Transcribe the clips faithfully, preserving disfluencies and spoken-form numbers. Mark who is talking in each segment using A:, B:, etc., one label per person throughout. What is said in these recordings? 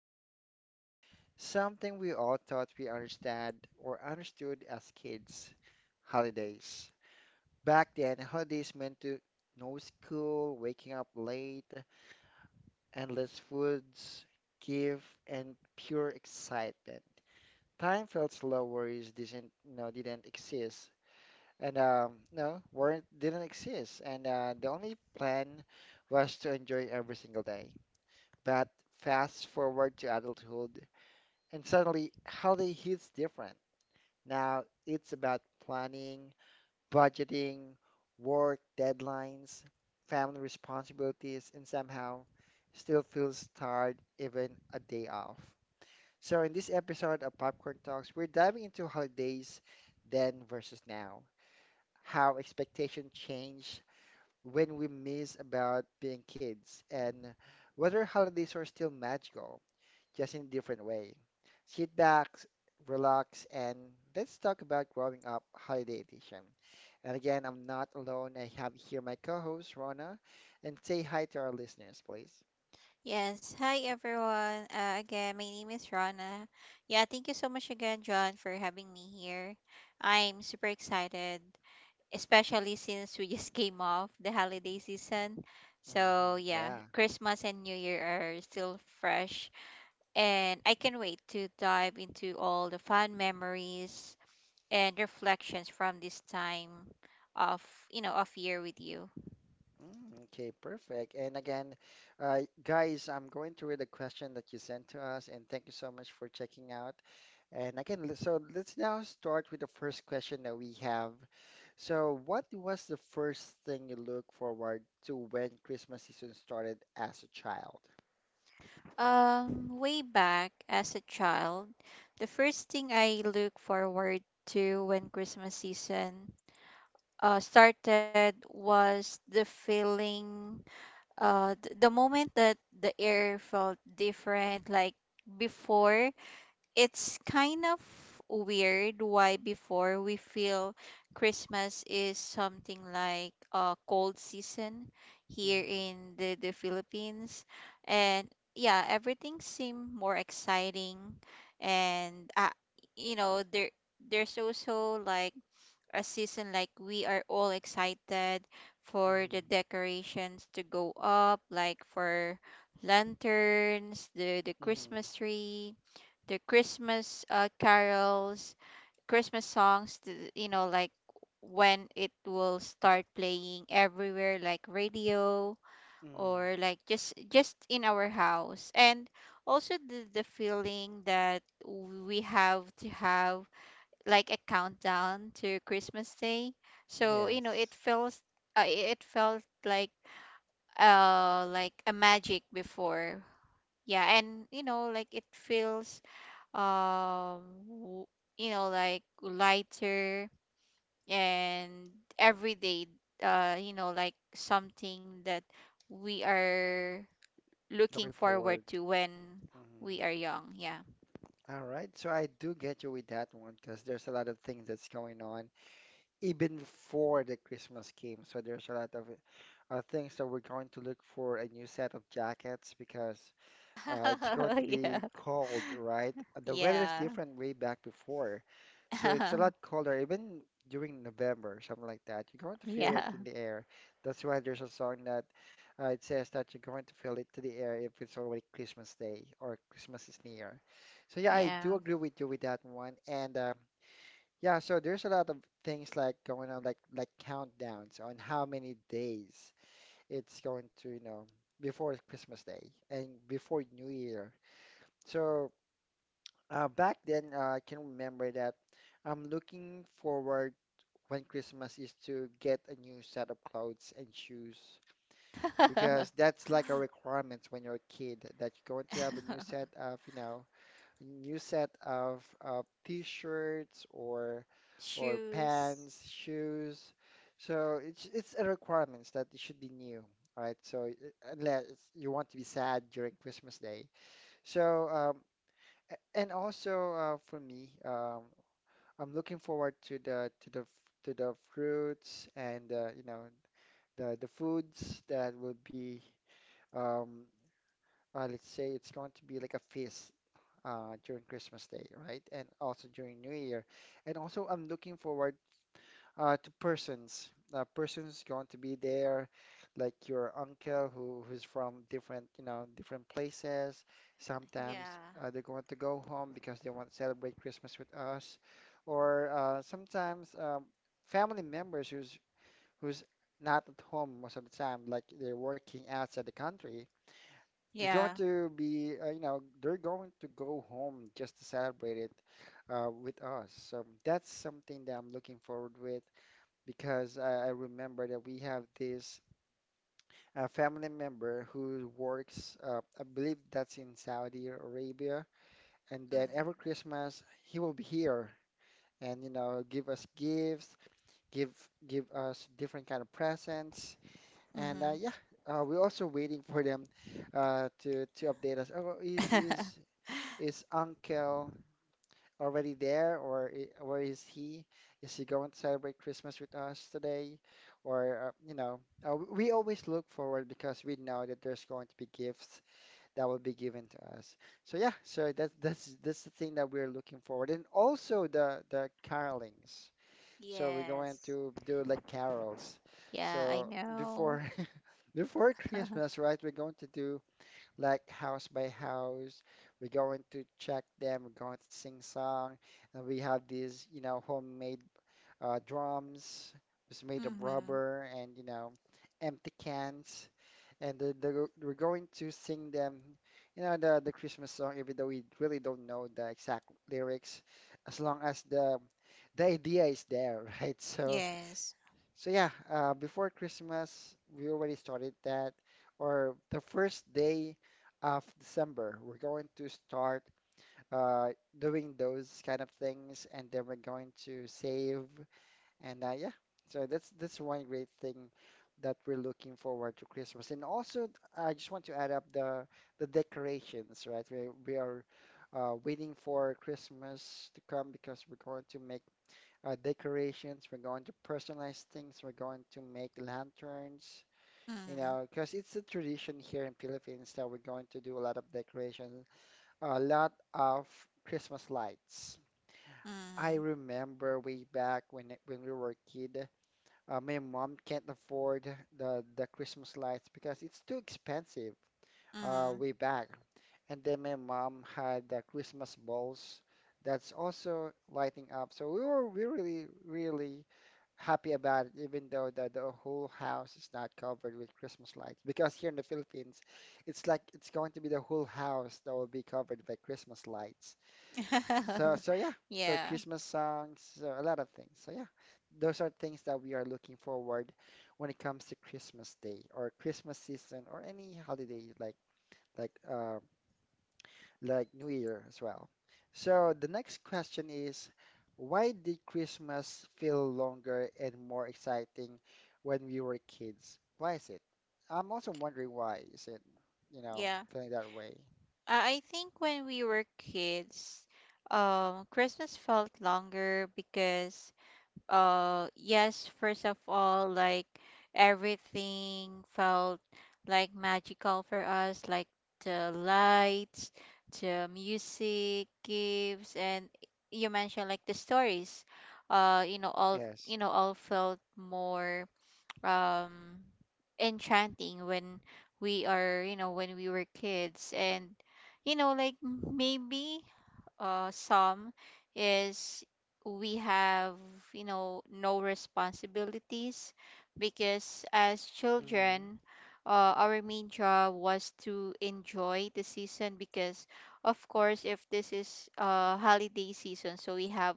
A: talking about something we all thought we understand or understood as kids, holidays. Back then, holidays meant to no school, waking up late, endless foods, gift, and pure excitement. Time felt slow, worries didn't, you know, didn't exist, and um, no, weren't didn't exist. And uh, the only plan was to enjoy every single day. But fast forward to adulthood, and suddenly holiday hits different. Now it's about planning, budgeting, work deadlines, family responsibilities, and somehow still feels tired even a day off. So in this episode of Popcorn Talks, we're diving into holidays then versus now, how expectation change, when we miss about being kids, and whether holidays are still magical, just in a different way. Sit back, relax, and let's talk about growing up, holiday edition. And again, I'm not alone. I have here my co-host Rona, and say hi to our listeners, please.
B: Yes. Hi, everyone. Uh, again, my name is Rana. Yeah, thank you so much again, John, for having me here. I'm super excited, especially since we just came off the holiday season. So,
A: Hmm,
B: yeah,
A: yeah.
B: Christmas and New Year are still fresh, and I can wait to dive into all the fun memories and reflections from this time of, you know, of year with you.
A: Mm, okay, perfect. And again, uh, guys, I'm going to read the question that you sent to us, and thank you so much for checking out. And again, le- so let's now start with the first question that we have. So, what was the first thing you look forward to when Christmas season started as a child?
B: Um, way back as a child, the first thing I look forward to when Christmas season uh, started was the feeling, uh, th- the moment that the air felt different. Like before, it's kind of weird why before we feel Christmas is something like a cold season here
A: Mm-hmm.
B: in the, the Philippines. And yeah, everything seemed more exciting and uh, you know there there's also like a season like we are all excited for the
A: Mm-hmm.
B: decorations to go up, like for lanterns, the the
A: Mm-hmm.
B: Christmas tree, the Christmas uh, carols, Christmas songs, th- you know, like when it will start playing everywhere, like radio
A: Mm.
B: or like just just in our house. And also the, the feeling that we have to have like a countdown to Christmas Day. So you know it
A: Yes,
B: feels uh, it felt like uh like a magic before. Yeah, and you know like it feels um w- you know, like lighter. And everyday uh you know, like something that we are looking
A: looking
B: forward
A: forward.
B: to when
A: Mhm.
B: we are young. Yeah.
A: All right, so I do get you with that one because there's a lot of things that's going on even for the Christmas game. So there's a lot of uh, things that we're going to look for, a new set of jackets because uh, it's going to be cold, right? Uh, The weather is
B: Yeah, yeah.
A: different way back before, so it's a lot colder even during November, something like that. You're going to feel it
B: Yeah,
A: in the air. That's why there's a song that uh, it says that you're going to feel it to the air if it's already Christmas Day or Christmas is near. So yeah, I
B: yeah.
A: do agree with you with that one. And uh, yeah, so there's a lot of things like going on, like like countdowns on how many days it's going to, you know, before Christmas Day and before New Year. So uh, back then, uh, I can remember that I'm looking forward when Christmas is to get a new set of clothes and shoes because that's like a requirement when you're a kid that you're going to have a new set of, you know, new set of uh, t-shirts or or
B: Shoes,
A: pants, shoes. So it's it's a requirements that it should be new, right? So it- unless you want to be sad during Christmas Day. So um, a- and also uh, for me, um, I'm looking forward to the to the f- to the fruits and uh, you know the the foods that will be um, uh, let's say it's going to be like a feast uh, during Christmas Day, right? And also during New Year. And also, I'm looking forward uh, to persons. Uh, persons going to be there, like your uncle who who's from different, you know, different places. Sometimes
B: yeah.
A: uh, they're going to go home because they want to celebrate Christmas with us, or uh, sometimes um, family members who's who's not at home most of the time, like they're working outside the country, they're going
B: Yeah.
A: to be, uh, you know, they're going to go home just to celebrate it uh, with us. So that's something that I'm looking forward with because I, I remember that we have this uh, family member who works, uh, I believe that's in Saudi Arabia, and then every Christmas he will be here and you know give us gifts, give give us different kind of presents, and uh,
B: Mm-hmm.
A: yeah, uh, we're also waiting for them uh, to to update us. Oh, is is Is Uncle already there, or i- where is he? Is he going to celebrate Christmas with us today? Or, uh, you know, uh, w- we always look forward because we know that there's going to be gifts that will be given to us. So yeah, so that's that's that's the thing that we're looking forward, and also the the carolings. So we're going
B: Yes.
A: to do like carols.
B: Yeah, I
A: So
B: know.
A: before before Christmas, right? We're going to do like house by house. We're going to check them. We're going to sing song, and we have these, you know, homemade uh, drums. It's made of
B: Mhm.
A: rubber and, you know, empty cans, and the, the, we're going to sing them, you know, the the Christmas song, even though we really don't know the exact lyrics, as long as the the idea is there, right? So
B: Yes.
A: so yeah, uh, before Christmas, we already started that, or the first day of December, we're going to start uh, doing those kind of things, and then we're going to save, and uh, yeah, so that's that's one great thing that we're looking forward to Christmas. And also, I just want to add up the the decorations, right? We we are uh, waiting for Christmas to come because we're going to make uh, decorations. We're going to personalize things. We're going to make lanterns, you
B: Mhm.
A: know, because it's a tradition here in Philippines that we're going to do a lot of decorations, a lot of Christmas lights. I
B: Mhm.
A: remember way back when it- when we were a kid, uh, my mom can't afford the the Christmas lights because it's too expensive. Uh,
B: Mhm.
A: way back, and then my mom had the Christmas balls that's also lighting up. So we were we really, really happy about it, even though the, the whole house is not covered with Christmas lights. Because here in the Philippines, it's like it's going to be the whole house that will be covered by Christmas lights. So so yeah, so
B: Yeah.
A: Christmas songs, so a lot of things. So yeah, those are things that we are looking forward when it comes to Christmas Day or Christmas season or any holiday, like like uh, like New Year as well. So the next question is, why did Christmas feel longer and more exciting when we were kids? Why is it? I'm also wondering why is it, you know,
B: Yeah.
A: feeling that way?
B: I I think when we were kids, um, Christmas felt longer because uh yes, first of all, like everything felt like magical for us, like the lights, the music, gifts, and you mentioned like the stories, uh you know, all
A: Yes.
B: you know all felt more um enchanting when we are, you know, when we were kids. And you know like maybe uh, some is we have, you know, no responsibilities. Because as
A: Hmm.
B: children, uh, our main job was to enjoy the season. Because of course if this is uh, holiday season, so we have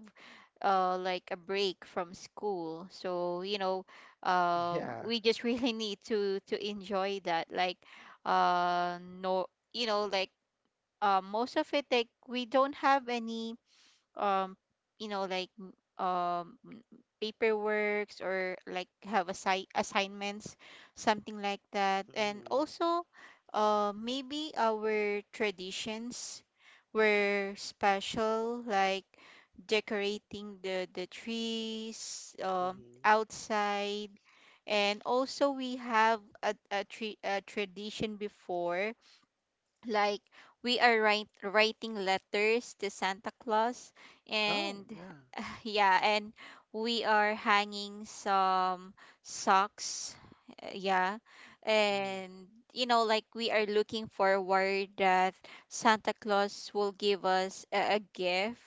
B: uh, like a break from school. So you know, um
A: Yeah.
B: we just really need to to enjoy that. Like uh no, you know like, um, most of it, like we don't have any um you know like m- um m- paperworks or like have assi- assignments, something like that. And
A: Hmm.
B: also uh, maybe our traditions were special, like decorating the the trees um
A: Hmm.
B: outside. And also we have a, a, tra- a tradition before, like we are write, writing letters to Santa Claus.
A: Oh,
B: And
A: yeah.
B: yeah, and we are hanging some socks, uh, yeah.
A: Mm-hmm.
B: And you know, like we are looking forward that Santa Claus will give us a, a gift,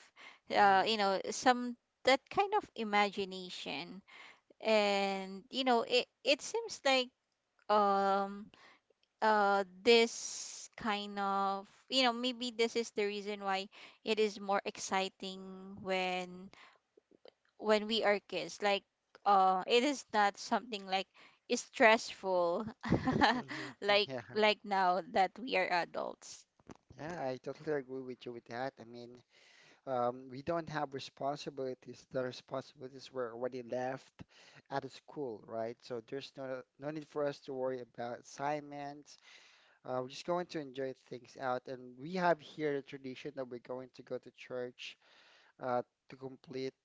B: uh, you know, some, that kind of imagination. And you know, it it seems like um uh this kind of, you know, maybe this is the reason why it is more exciting when when we are kids. Like uh it is not something like is stressful.
A: Mm-hmm.
B: like
A: Yeah.
B: like now that we are adults.
A: Yeah, I totally agree with you with that. I mean, Um, we don't have responsibilities. The responsibilities were already left at the school, right? So there's no no need for us to worry about assignments. Uh, we're just going to enjoy things out, and we have here the tradition that we're going to go to church uh, to complete,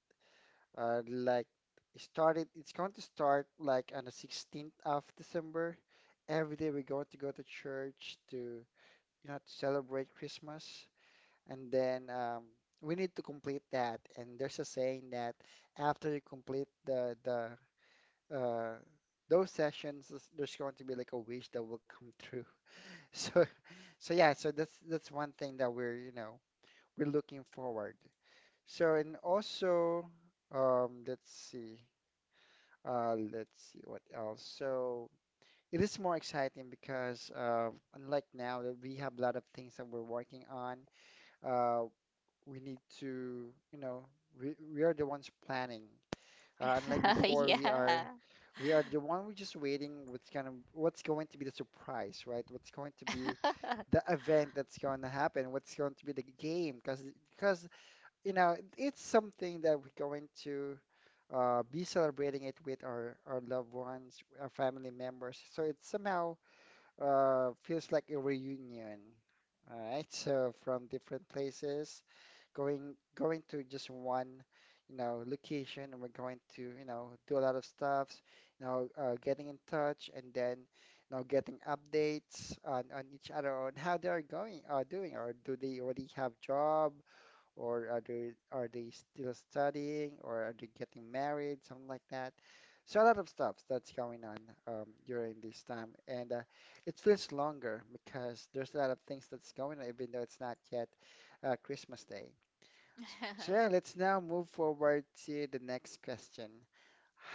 A: uh, like it started. It's going to start like on the sixteenth of December. Every day we're going to go to church to, you know to celebrate Christmas, and then um, we need to complete that. And there's a saying that after you complete the the uh, those sessions, is- there's going to be like a wish that will come true. So so yeah, so that's that's one thing that we're you know we're looking forward. So and also, um, let's see. Uh, let's see what else. So it is more exciting because, uh, unlike now that we have a lot of things that we're working on, uh, we need to, you know, we, we are the ones planning. Uh, unlike before, we are
B: Yeah.
A: we are the one we just waiting what's gonna what's going to be the surprise, right? What's going to be the event that's going to happen? What's going to be the game? Because because, you know it's something that we're going to uh, be celebrating it with our our loved ones, our family members. So it's somehow uh, feels like a reunion. All right, so from different places, going going to just one, you know, location, and we're going to, you know, do a lot of stuffs, you know, uh, getting in touch, and then, you know, getting updates on on each other on how they are going, uh, doing, or do they already have job, or are they are they still studying, or are they getting married, something like that, so a lot of stuff that's going on, um, during this time, and uh, it feels longer because there's a lot of things that's going on, even though it's not yet uh, Christmas Day. S- so yeah, let's now move forward to the next question.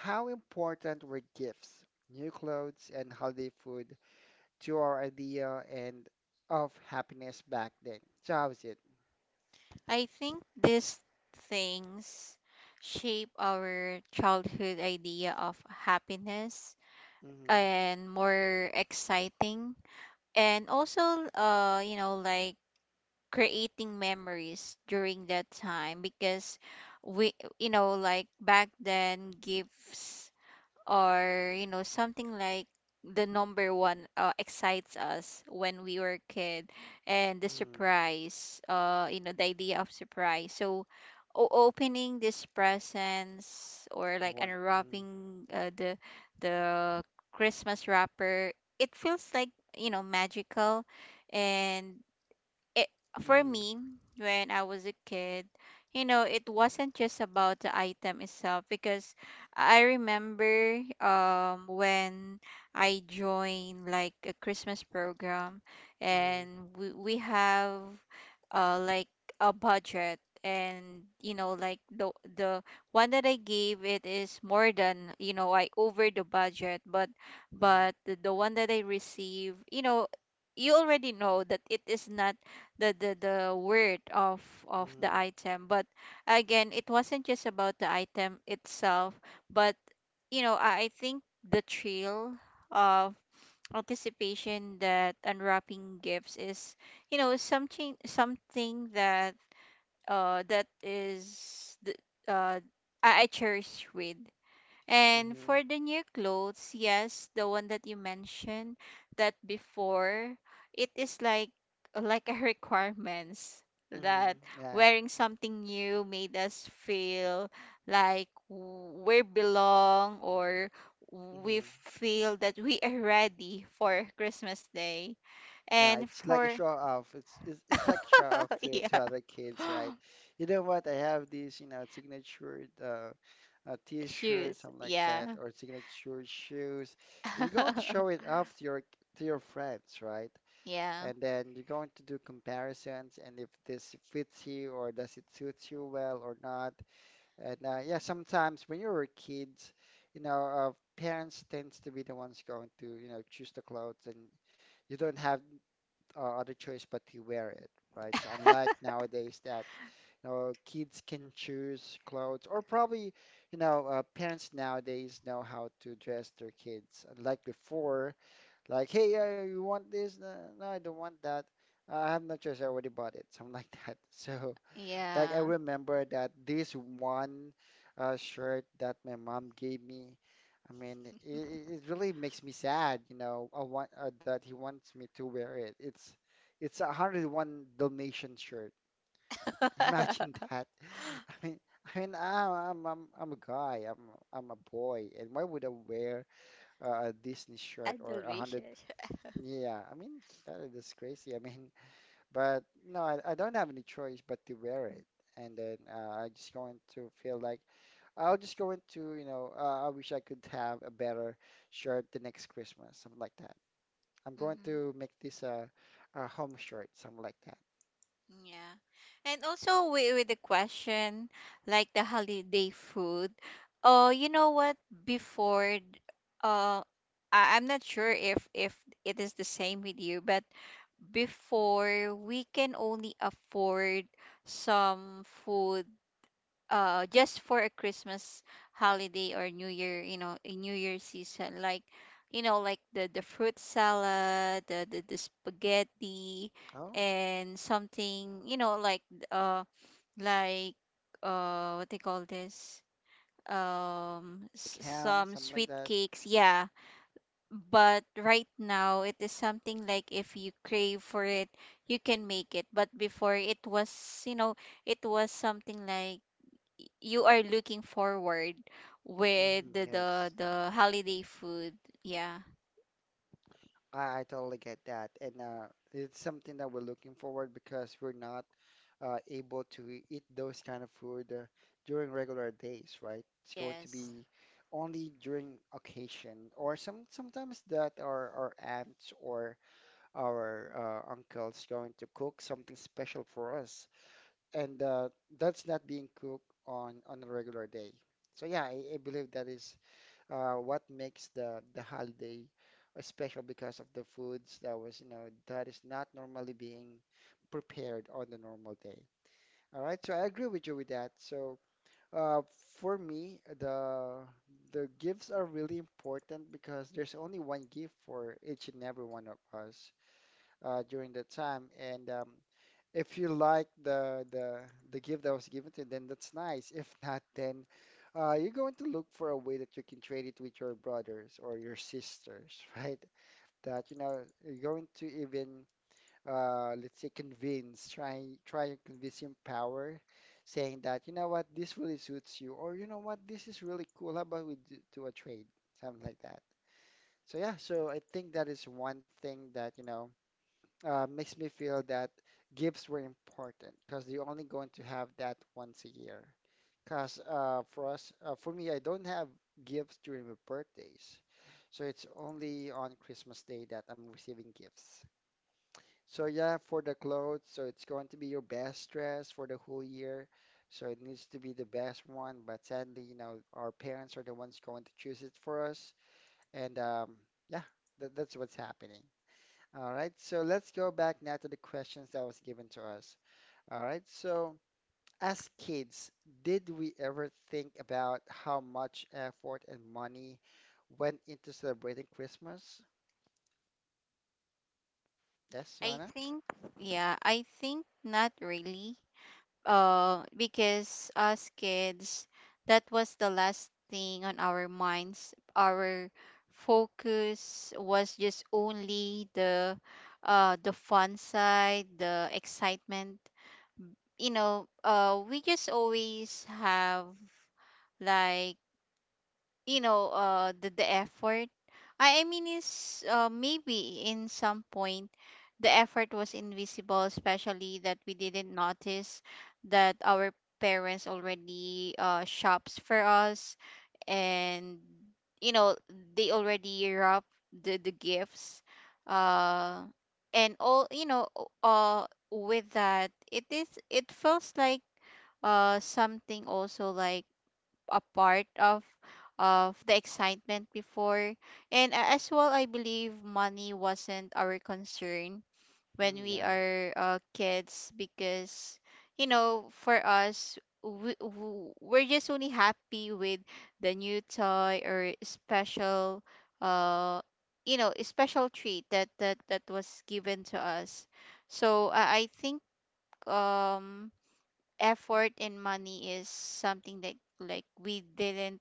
A: How important were gifts, new clothes, and holiday food to our idea and of happiness back then? So how is it?
B: I think these things shape our childhood idea of happiness
A: Hmm.
B: and more exciting. And also uh you know, like creating memories during that time. Because we, you know, like back then gifts, or you know, something like the number one uh, excites us when we were a kid. And the surprise, uh you know, the idea of surprise. So o- opening this presents or like
A: One. Mm.
B: unwrapping uh, the the Christmas wrapper, it feels like, you know, magical. And it, for
A: Mm.
B: me, when I was a kid, you know, it wasn't just about the item itself. Because I remember um when I joined like a Christmas program,
A: Mm.
B: and we we have uh like a budget. And you know like the the one that I gave it is more than, you know, I over the budget. but
A: Mm.
B: but the, the one that I receive, you know, you already know that it is not the the the word of of the
A: Mm.
B: item. But again, it wasn't just about the item itself. But you know, i, I think the thrill of anticipation that unwrapping gifts is, you know, something, something that uh that is the uh I, I cherish with. And
A: Mm.
B: for the new clothes, yes, the one that you mentioned, that before, it is like like a requirements that
A: Mm, yeah.
B: wearing something new made us feel like we belong, or we
A: Mm-hmm.
B: feel that we are ready for Christmas Day.
A: Yeah,
B: And
A: it's like a
B: for
A: show off. It's it's it's like a show off to to
B: yeah,
A: other kids, right? You know what? I have this, you know, signature uh, uh t-shirt,
B: shoes,
A: something like that,
B: yeah.
A: or signature shoes. You're going to show it off to your to your friends, right?
B: Yeah,
A: And then you're going to do comparisons, and if this fits you or does it suit you well or not. And uh, yeah, sometimes when you were kids, you know, uh, parents tends to be the ones going to, you know, choose the clothes, and you don't have uh, other choice but to wear it, right? So unlike nowadays that, you know, kids can choose clothes, or probably, you know, uh, parents nowadays know how to dress their kids. Unlike before, like, hey, uh, you want this? No, no, I don't want that. I have no choice. I already bought it, something like that. So like I
B: yeah.
A: remember that this one uh, shirt that my mom gave me, I mean, it, it really makes me sad, you know, I want uh, that he wants me to wear it. It's it's a a hundred and one Dalmatian shirt. Imagine that. I mean, I mean, I'm I'm I'm I'm a guy. I'm I'm a boy, and why would I wear uh, a Disney shirt
B: And
A: or a hundred?
B: delicious.
A: Yeah, I mean that is crazy. I mean, but no, I, I don't have any choice but to wear it. And then uh, I just going to feel like I'll just go into, you know, uh, I wish I could have a better shirt the next Christmas, something like that. I'm going
B: Mm-hmm.
A: to make this a, a home shirt, something like that.
B: Yeah. And also with, with the question like the holiday food. Oh, you know what? Before d- uh I, I'm not sure if if it is the same with you, but before we can only afford some food uh just for a Christmas holiday or New Year, you know, a new year season. Like you know like the the fruit salad, the the, the spaghetti,
A: Oh,
B: and something you know, like uh like uh what they call this, um
A: the
B: s-
A: cam,
B: some
A: something like
B: sweet
A: that.
B: cakes, yeah. But right now it is something like if you crave for it you can make it. But before it was, you know, it was something like you are looking forward with
A: Hmm,
B: the the,
A: yes.
B: the holiday food. Yeah.
A: I, I totally get that. And uh, it's something that we're looking forward because we're not uh, able to e-, eat those kind of food uh, during regular days, right? It's going to
B: Yes.
A: be only during occasion or some sometimes that our, our aunts or our uh, uncles going to cook something special for us. And uh, that's not being cooked on, on a regular day. So yeah, I, I believe that is uh, what makes the the holiday special because of the foods that was, you know, that is not normally being prepared on the normal day. All right, so I agree with you with that. So uh, for me, the the gifts are really important because there's only one gift for each and every one of us uh, during the time, and um, if you like the the the gift that was given to you, then that's nice. If not, then uh, you're going to look for a way that you can trade it with your brothers or your sisters, right? That you know you're going to even uh, let's say convince, try try and convince him power, saying that you know what this really suits you, or you know what this is really cool. How about we do, do a trade, something like that. So yeah, so I think that is one thing that you know uh, makes me feel that gifts were important because you're only going to have that once a year. Because uh, for us, uh, for me, I don't have gifts during my birthdays, so it's only on Christmas Day that I'm receiving gifts. So yeah, for the clothes, so it's going to be your best dress for the whole year. So it needs to be the best one, but sadly, you know, our parents are the ones going to choose it for us, and um, yeah, that, that's what's happening. All right, so let's go back now to the questions that was given to us. All right, so as kids, did we ever think about how much effort and money went into celebrating Christmas? Yes,
B: I
A: Rana?
B: think yeah, I think not really. Uh because us kids, that was the last thing on our minds. Our focus was just only the uh the fun side, the excitement. You know, uh we just always have like, you know, uh the, the effort, i, I mean is uh, maybe in some point the effort was invisible, especially that we didn't notice that our parents already uh, shops for us. And you know, they already wrap the, the gifts uh and all, you know, uh with that it is, it feels like uh something also like a part of of the excitement before. And a- as well, I believe money wasn't our concern when
A: Mm,
B: we
A: yeah,
B: are uh, kids. Because you know, for us, we, w- we're just only happy with the new toy or special uh you know, a special treat that that that was given to us. So i, I think um effort and money is something that like we didn't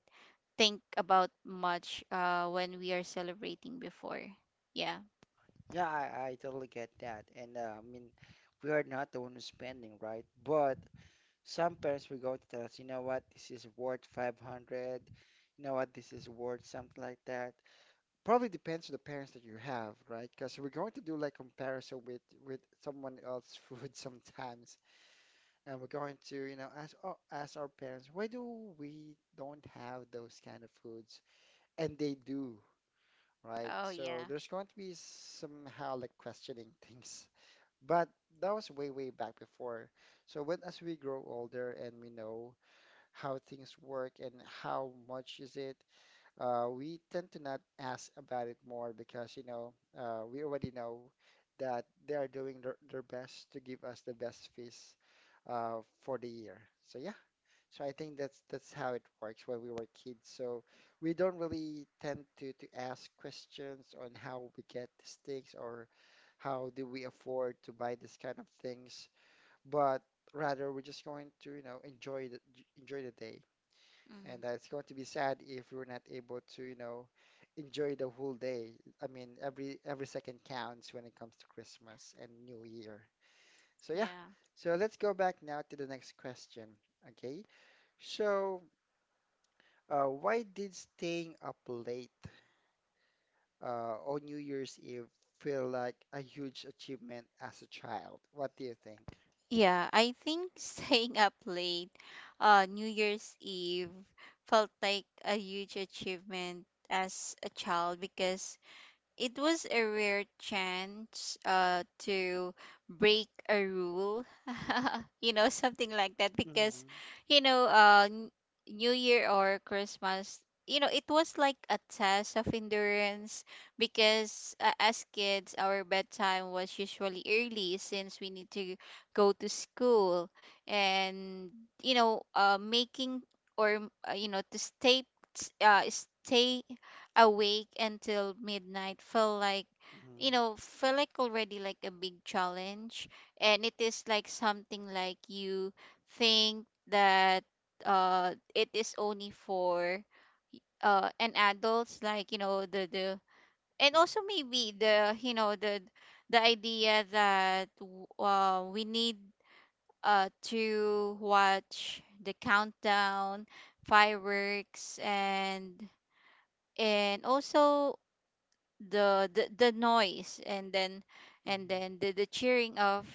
B: think about much uh when we are celebrating before. Yeah.
A: yeah, I, I totally get that. And uh, I mean, we are not the one who's spending, right? But some parents will go to tell us, you know what, this is worth five hundred, you know what, this is worth something like that. Probably depends on the parents that you have, right? Because we're going to do like comparison with with someone else's food sometimes, and we're going to, you know, ask oh, ask our parents, why do we don't have those kind of foods? And they do, right?
B: Oh
A: So
B: yeah.
A: there's going to be somehow like questioning things. But that was way, way back before. So when as we grow older and we know how things work and how much is it uh, we tend to not ask about it more because, you know, uh, we already know that they are doing their, their best to give us the best fees uh, for the year. So yeah, so I think that's that's how it works when we were kids. So we don't really tend to to ask questions on how we get these things or how do we afford to buy this kind of things, but rather we're just going to, you know, enjoy the enjoy the day
B: Mm-hmm.
A: and uh, it's going to be sad if we're not able to, you know, enjoy the whole day. I mean, every every second counts when it comes to Christmas and New Year. So yeah,
B: Yeah.
A: so let's go back now to the next question. Okay, so uh, why did staying up late uh, on New Year's Eve feel like a huge achievement as a child? What do you think?
B: Yeah, I think staying up late uh New Year's Eve felt like a huge achievement as a child. Because it was a rare chance uh to break a rule. You know, something like that. Because
A: Mm-hmm.
B: you know, uh n- new year or Christmas, you know, it was like a test of endurance. Because uh, as kids, our bedtime was usually early since we need to go to school. And you know, uh making or uh, you know, to stay uh stay awake until midnight, felt like, you
A: Mm-hmm.
B: know, felt like already like a big challenge. And it is like something like you think that uh it is only for uh an adults, like you know, the the and also maybe the you know, the the idea that w- uh, we need uh to watch the countdown, fireworks, and and also the the, the noise. And then, and
A: Mm-hmm.
B: then the, the cheering of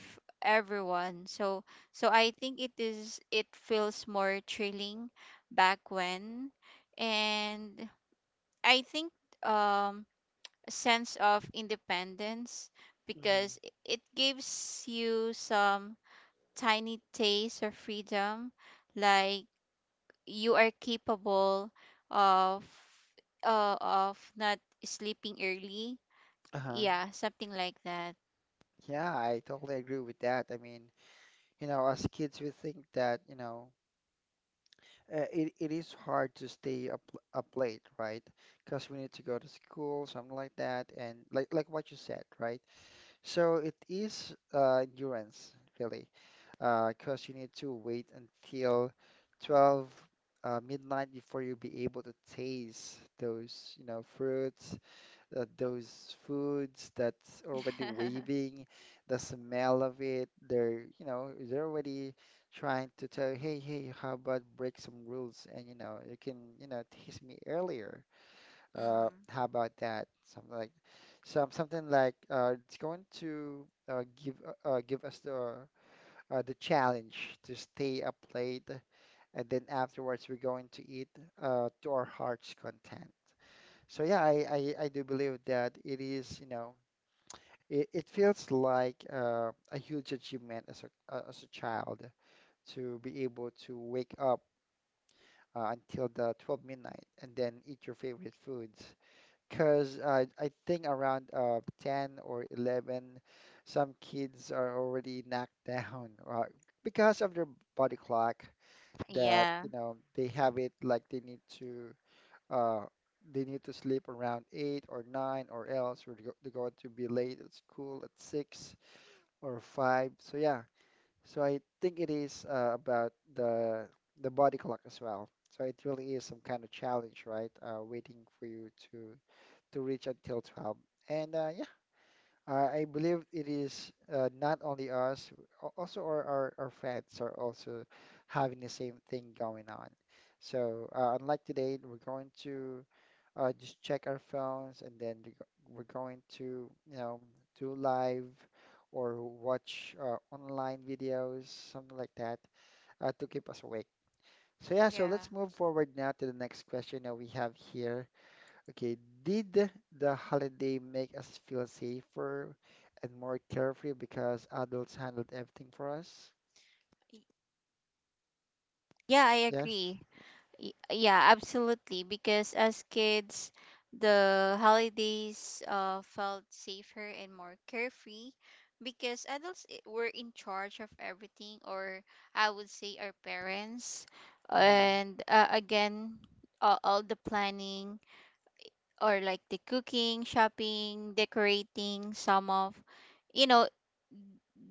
B: everyone. So so I think it is, it feels more thrilling back when. And I think um a sense of independence,
A: Mm-hmm.
B: because i- it gives you some tiny taste of freedom, like you are capable of uh, of not sleeping early.
A: Uh-huh.
B: Yeah, something like that.
A: Yeah, I totally agree with that. I mean, you know, as kids, we think that, you know, uh, it, it is hard to stay up up late, right? Because we need to go to school, something like that, and like like what you said, right? So it is uh, endurance, really, because you need to wait until twelve uh, midnight before you'll be able to taste those, you know, fruits uh, those foods that's already waving, the smell of it. They're, you know, they're already trying to tell you, hey, hey, how about break some rules and, you know, you can, you know, tease me earlier. Uh,
B: Mm.
A: how about that? Something like, some something like uh, it's going to uh, give uh, uh, give us the uh, the challenge to stay up late, and then afterwards we're going to eat uh, to our heart's content. So yeah, I, I, I do believe that it is, you know, it, it feels like uh, a huge achievement as a uh, as a child to be able to wake up uh, until the twelve midnight and then eat your favorite foods. Because uh, I think around uh, ten or eleven, some kids are already knocked down uh, because of their body clock that,
B: Yeah.
A: you know, they have it like they need to uh, they need to sleep around eight or nine, or else we're go- they're going to be late at school at six or five. So yeah, so I think it is uh, about the the body clock as well. So it really is some kind of challenge, right? Uh, waiting for you to to reach until twelve. And uh, yeah. Uh, I believe it is uh, not only us, al- also our, our, our friends are also having the same thing going on. So, uh, unlike today, we're going to uh, just check our phones, and then we're go- we're going to, you know, do live or watch uh, online videos, something like that, uh, to keep us awake. So, yeah, so
B: Yeah.
A: let's move forward now to the next question that we have here. Okay, did the holiday make us feel safer and more carefree because adults handled everything for us?
B: Y- Yeah, I
A: Yes.
B: agree. Y- Yeah, absolutely. Because as kids, the holidays uh, felt safer and more carefree because adults i- were in charge of everything, or I would say our parents.
A: Mm-hmm.
B: And uh, again, uh, all the planning, or like the cooking, shopping, decorating, some of, you know,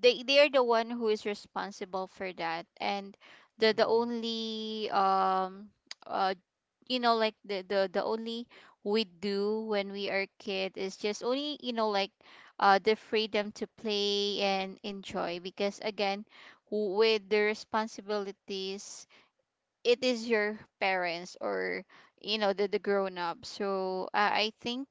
B: they they are the one who is responsible for that. And the the
A: Mm-hmm.
B: only um uh you know like the the the only we do when we are kid is just only, you know, like uh the freedom to play and enjoy. Because again, w- with the responsibilities, it is your parents, or you know, the the grown up. So uh, I think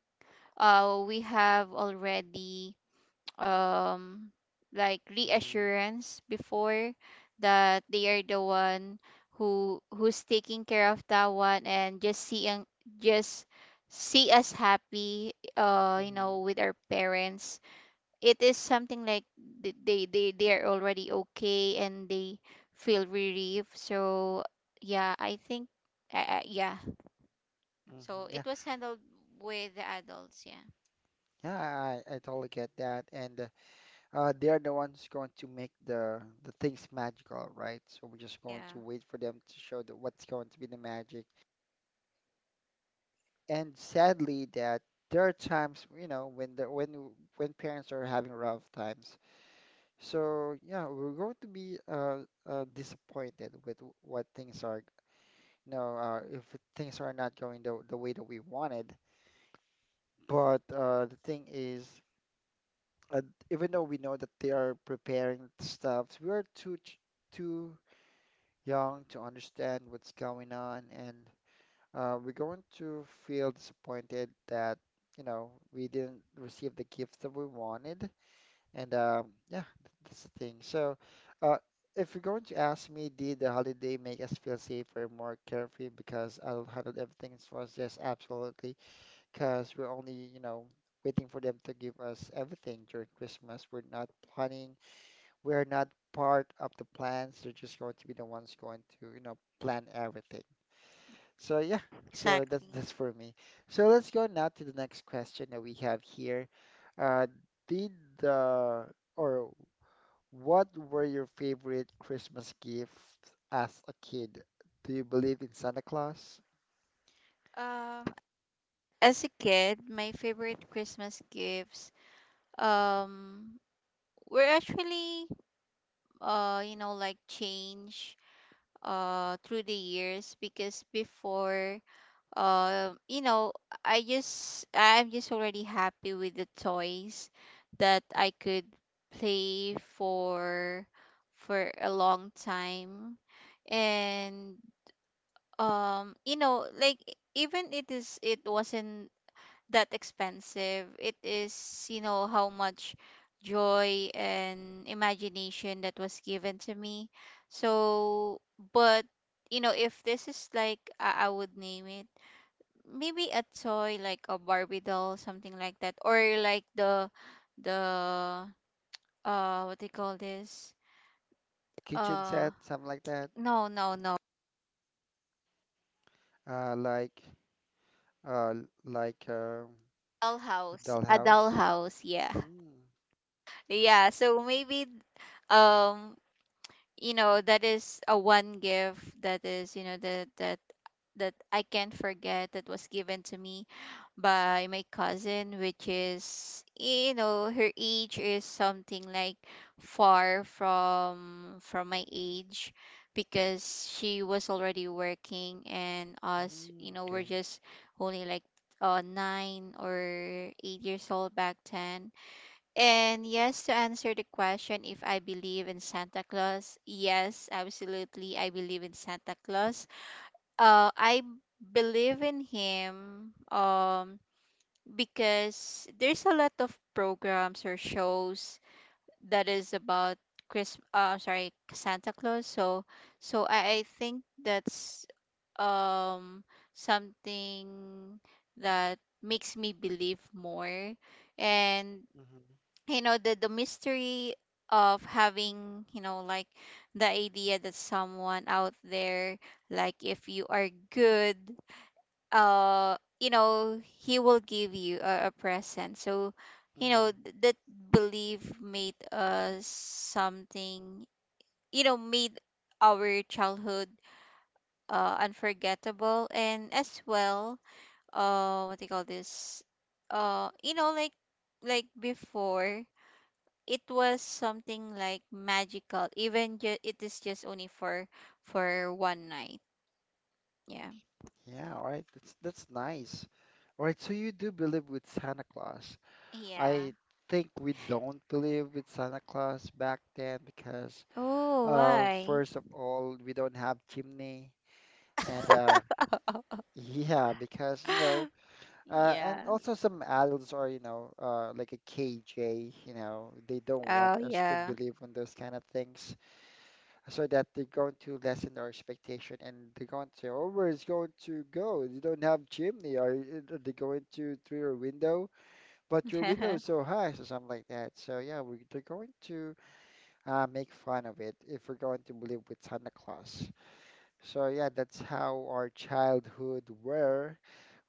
B: uh we have already um like
A: Mm-hmm.
B: reassurance before that they are the one who who's taking care of that one. And just seeing, just see us happy, uh you
A: Mm-hmm.
B: know, with our parents, it is something like th- they they they are already okay and they feel relief. So yeah, I think uh, uh, yeah,
A: Mm-hmm.
B: so
A: Yeah,
B: it was handled with the adults. Yeah.
A: yeah, I, I totally get that. And uh, uh, they're the ones going to make the the things magical, right? So we're just going
B: Yeah.
A: to wait for them to show the, what's going to be the magic. And sadly, that there are times, you know, when the when when parents are having rough times. So yeah, we're going to be uh, uh, disappointed with w- what things are, you know, uh, if things are not going the, the way that we wanted. But uh, the thing is, uh, even though we know that they are preparing stuff, we are too ch- too young to understand what's going on, and uh, we're going to feel disappointed that, you know, we didn't receive the gifts that we wanted. And um, yeah, that's the thing. So, uh, if you're going to ask me, did the holiday make us feel safer, more carefree because adult handled everything for us? Yes, absolutely. Because we're only, you know, waiting for them to give us everything during Christmas. We're not planning. We're not part of the plans. They're just going to be the ones going to, you know, plan everything. So yeah, so that's
B: Exactly.
A: that's for me. So let's go now to the next question that we have here. Uh, did the or what were your favorite Christmas gifts as a kid? Do you believe in Santa Claus?
B: Um, as a kid, my favorite Christmas gifts um were actually, uh you know, like, change uh through the years, because before, uh you know, I just I'm just already happy with the toys that I could play for for a long time. And, um you know, like, even it is it wasn't that expensive. It is, you know, how much joy and imagination that was given to me. So, but, you know, if this is like, I, I would name it maybe a toy like a Barbie doll, something like that, or like the, the, uh, what they call this?
A: Kitchen
B: Uh,
A: set, something like that?
B: no, no, no.
A: Uh, like, uh, l- like um a
B: Dollhouse, a
A: dollhouse?
B: dollhouse, yeah,
A: Mm,
B: yeah. So maybe, um, you know, that is a one gift that is, you know, that that that I can't forget, that was given to me by my cousin, which is, you know, her age is something like far from from my age because she was already working, and us, you
A: mm,
B: know, we're
A: okay.
B: just only like uh, nine or eight years old back then. And yes, to answer the question if I believe in Santa Claus, yes, absolutely, I believe in Santa Claus. Uh, I believe in him, um, because there's a lot of programs or shows that is about Chris, uh, sorry, Santa Claus. So, so I, I think that's um something that makes me believe more. And,
A: Mm-hmm,
B: you know, the the mystery of having, you know, like, the idea that someone out there, like, if you are good, uh you know, he will give you a, a present. So, you know,
A: mm-hmm.
B: th- that belief made us something, you know, made our childhood uh unforgettable, and as well, uh what do you call this, uh you know, like, like before, it was something like magical, even ju- it is just only for for one night, yeah.
A: Yeah, all right. That's that's nice. All right, so you do believe with Santa Claus.
B: Yeah.
A: I think we don't believe with Santa Claus back then because,
B: Oh,
A: uh,
B: why?
A: first of all, we don't have chimney, and uh, yeah, because you know, uh, and
B: Yeah.
A: also some adults are, you know, uh, like a K J, you know, they don't want
B: Oh,
A: us to
B: yeah.
A: believe in those kind of things, so that they're going to lessen our expectation and they're going to say, "Oh, where's going to go? You don't have chimney, or are they going to through your window? But your window is so high, so something like that." So yeah, we they're going to uh, make fun of it if we're going to believe with Santa Claus. So yeah, that's how our childhood were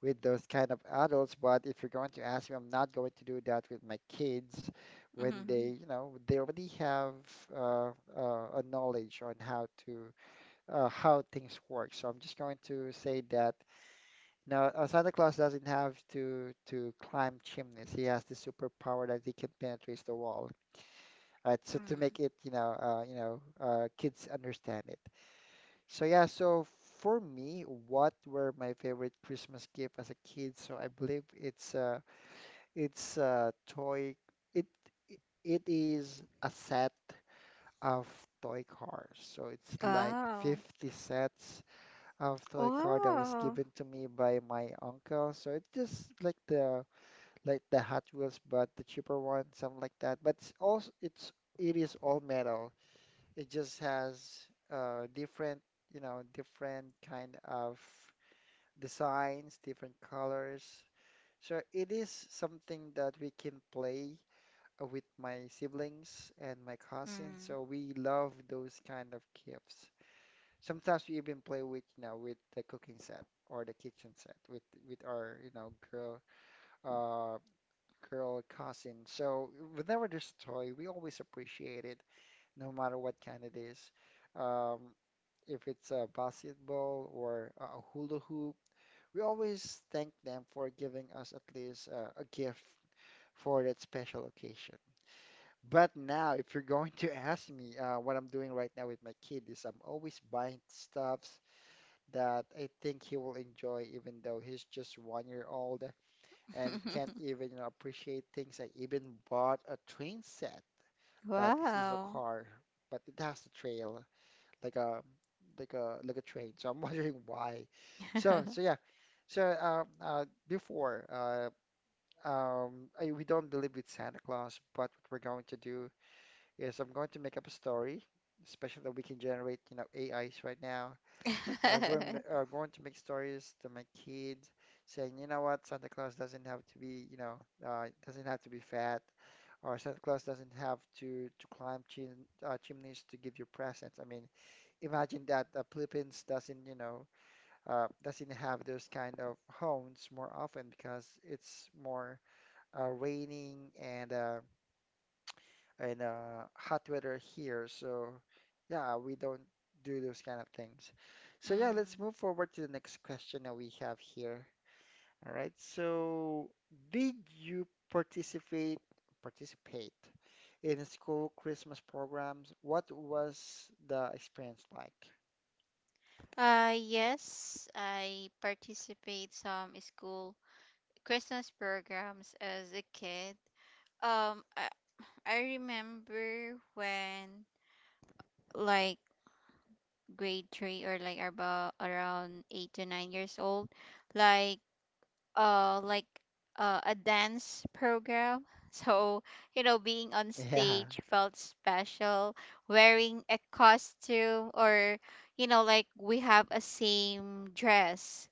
A: with those kind of adults. But if you're going to ask me, I'm not going to do that with my kids when
B: Mhm.
A: they, you know, they already have uh, uh, a knowledge on how to uh, how things work. So I'm just going to say that now uh, Santa Claus doesn't have to to climb chimneys. He has the superpower that he can penetrate the wall. Right. So to make
B: Mm.
A: it, you know, uh, you know, uh, kids understand it. So yeah, so for me, what were my favorite Christmas gift as a kid? So I believe it's a it's a toy. It it it is a set of toy cars. So it's like
B: Wow.
A: fifty sets of toy car that was
B: Wow.
A: given to me by my uncle. So it's just like the like the Hot Wheels, but the cheaper one, something like that. But it's also it's it is all metal. It just has uh, different, you know, different kind of designs, different colors. So it is something that we can play uh, with my siblings and my cousins.
B: Mm.
A: So we love those kind of gifts. Sometimes we even play with, you know, with the cooking set or the kitchen set with with our, you know, girl uh girl cousin. So whenever there's a toy, we always appreciate it, no matter what kind it is. Um, if it's a basketball or a hula hoop, we always thank them for giving us at least uh, a gift for that special occasion. But now, if you're going to ask me uh, what I'm doing right now with my kid, is I'm always buying stuffs that I think he will enjoy, even though he's just one year old and can't even, you know, appreciate things. I even bought a train set, but this is a
B: Wow.
A: car, but it has a trail like a like a like a train. So I'm wondering why. So so yeah. So um uh before uh um I, we don't believe with Santa Claus, but what we're going to do is I'm going to make up a story, especially that we can generate, you know, A Is right now. I'm going uh, going to make stories to my kids saying, you know what, Santa Claus doesn't have to be, you know, uh doesn't have to be fat or Santa Claus doesn't have to to climb chim uh, chimneys to give you presents. I mean, imagine that the Philippines doesn't, you know, uh, doesn't have those kind of hones more often because it's more uh, raining and uh, and uh, hot weather here. So yeah, we don't do those kind of things. So yeah, let's
B: Mm.
A: move forward to the next question that we have here. All right. So did you participate participate in school Christmas programs? What was the experience like?
B: Uh, yes, I participate some school Christmas programs as a kid. Um, I I remember when, like, grade three, or, like, about around eight to nine years old, like uh like uh, a dance program. So, you know, being on
A: Yeah.
B: stage felt special. Wearing a costume, or, you know, like, we have a same dress,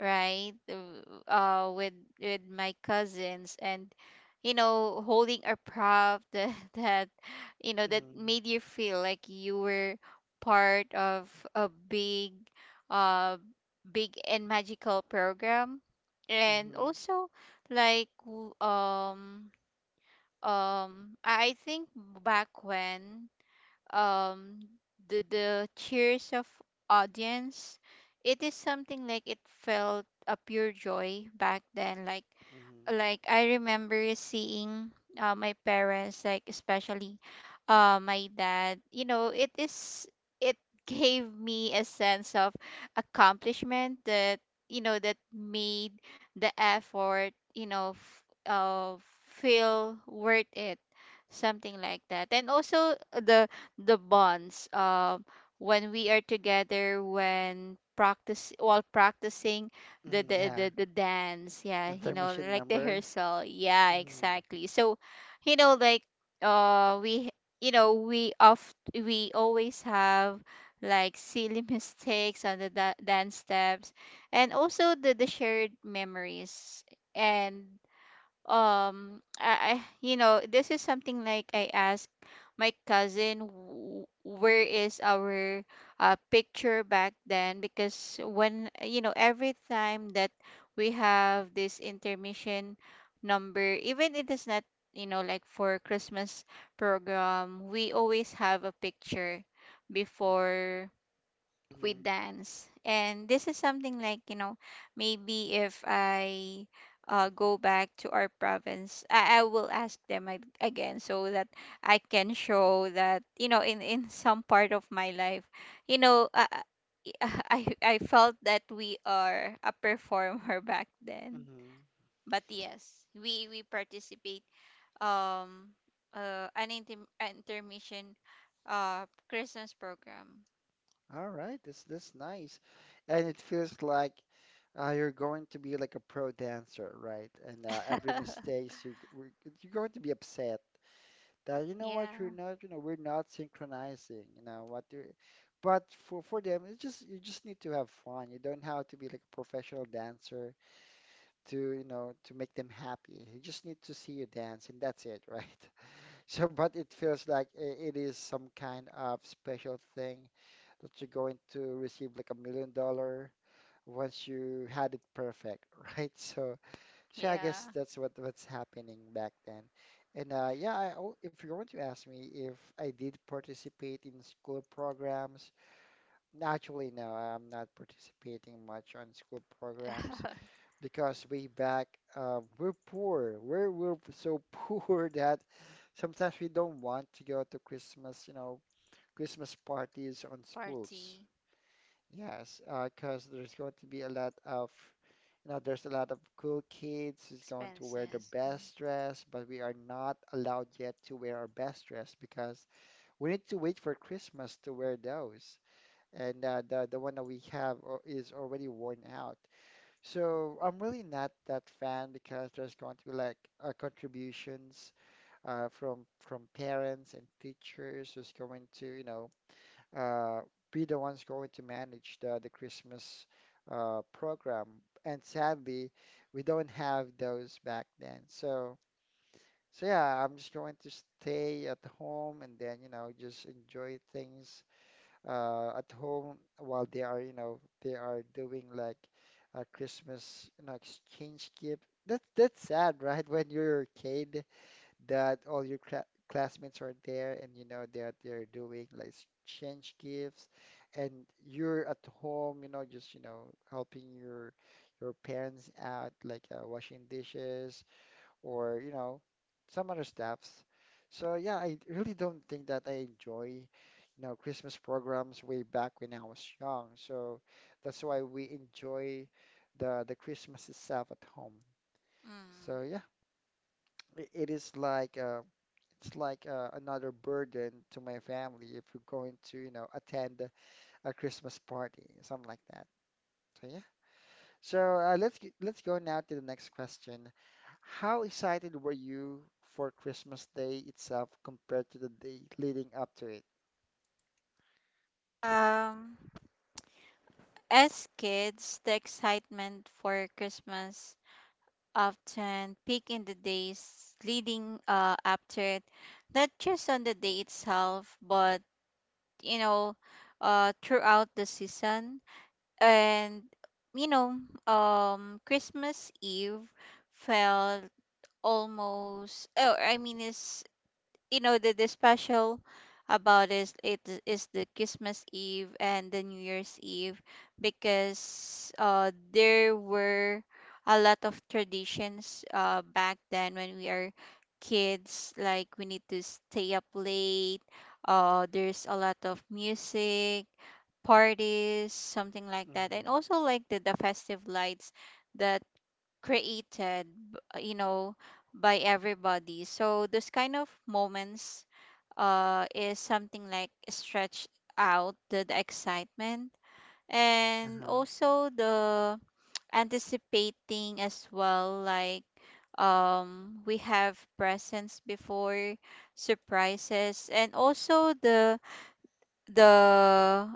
B: right, w- uh with with my cousins, and, you know, holding a prop that that, you know, that made you feel like you were part of a big, uh big and magical program, and
A: Mhm.
B: also, like, w- um um I I think back when, um the the cheers of audience, it is something like it felt a pure joy back then, like
A: Mhm.
B: like I remember seeing uh, my parents, like, especially, uh, my dad. You know, it is it gave me a sense of accomplishment, that, you know, that made the effort, you know, f- uh, feel worth it, something like that. And also, uh, the the bonds, um when we are together, when practice, while practicing the
A: Mhm.
B: the
A: Yeah.
B: the, the dance, yeah, you know,
A: Intermission
B: like, the
A: number.
B: rehearsal, yeah,
A: Mhm.
B: exactly, so, you know, like, uh we you know we oft we always have, like, silly mistakes on the da- dance steps. And also the the shared memories and, um I, I you know, this is something like I asked my cousin, w- where is our, uh, picture back then, because, when, you know, every time that we have this intermission number, even it is not, you know, like, for Christmas program, we always have a picture before with
A: Mhm.
B: dance. And this is something like, you know, maybe, if I uh, go back to our province, I, I will ask them ag- again, so that I can show that, you know, in, in some part of my life, you know, uh, I, I felt that we are a performer back then.
A: Mhm.
B: But yes, we, we participate, um uh, an intim- intermission uh Christmas program.
A: All right. This this nice, and it feels like uh, you're going to be like a pro dancer, right? And uh, every mistakes you we're- you're going to be upset that you know what you're
B: Yeah.
A: not you know we're not synchronizing. You know what you. But for for them, it's just you just need to have fun. You don't have to be like a professional dancer to you know to make them happy. You just need to see you dance, and that's it, right? So, but it feels like i- it is some kind of special thing that you're going to receive like a million dollar once you had it perfect, right? So, so I
B: Yeah.
A: guess that's what what's happening back then. And uh, yeah, I, al- if you want to ask me if I did participate in school programs, naturally, no, I'm not participating much on school programs because way back uh, we're poor. We're we're so poor that sometimes we don't want to go to Christmas, you know, Christmas parties on
B: Party
A: schools. Yes, uh, 'cause there's going to be a lot of, you know, there's a lot of cool kids who's going to wear
B: expenses.
A: their
B: Mm.
A: best dress, but we are not allowed yet to wear our best dress because we need to wait for Christmas to wear those. And uh, the the one that we have al- is already worn out. So I'm really not that fan because there's going to be like uh, contributions uh, from from parents and teachers who's going to, you know, uh, be the ones going to manage the the Christmas uh, program. And sadly, we don't have those back then. So so yeah, I'm just going to stay at home and then, you know, just enjoy things uh, at home while they are, you know, they are doing like a Christmas, you know, exchange gift. That's that's sad, right? When you're a kid, that all your cla classmates are there, and you know that they're doing like exchange gifts, and you're at home, you know, just you know helping your your parents out, like uh, washing dishes, or you know some other stuffs. So yeah, I really don't think that I enjoy you know Christmas programs way back when I was young. So that's why we enjoy the the Christmas itself at home. So yeah, i- it is like uh, it's like uh, another burden to my family if we're going to you know attend a Christmas party, something like that. So yeah. So uh, let's g- let's go now to the next question. How excited were you for Christmas Day itself compared to the day leading up to it?
B: Mm. Um, as kids, the excitement for Christmas often peak in the days leading uh, up to it, not just on the day itself, but, you know, uh, throughout the season. And, you know, um, Christmas Eve felt almost. Oh, I mean, is, you know, the, the special about is, it is the Christmas Eve and the New Year's Eve, because, uh there were a lot of traditions uh back then when we are kids, like we need to stay up late, uh there's a lot of music, parties, something like that, and
A: Mm-hmm.
B: also like the, the festive lights that created b- uh, you know, by everybody. So those kind of moments uh is something like stretch out the, the excitement, and
A: Uh-huh.
B: also the anticipating as well, like, um we have presents before, surprises, and also the the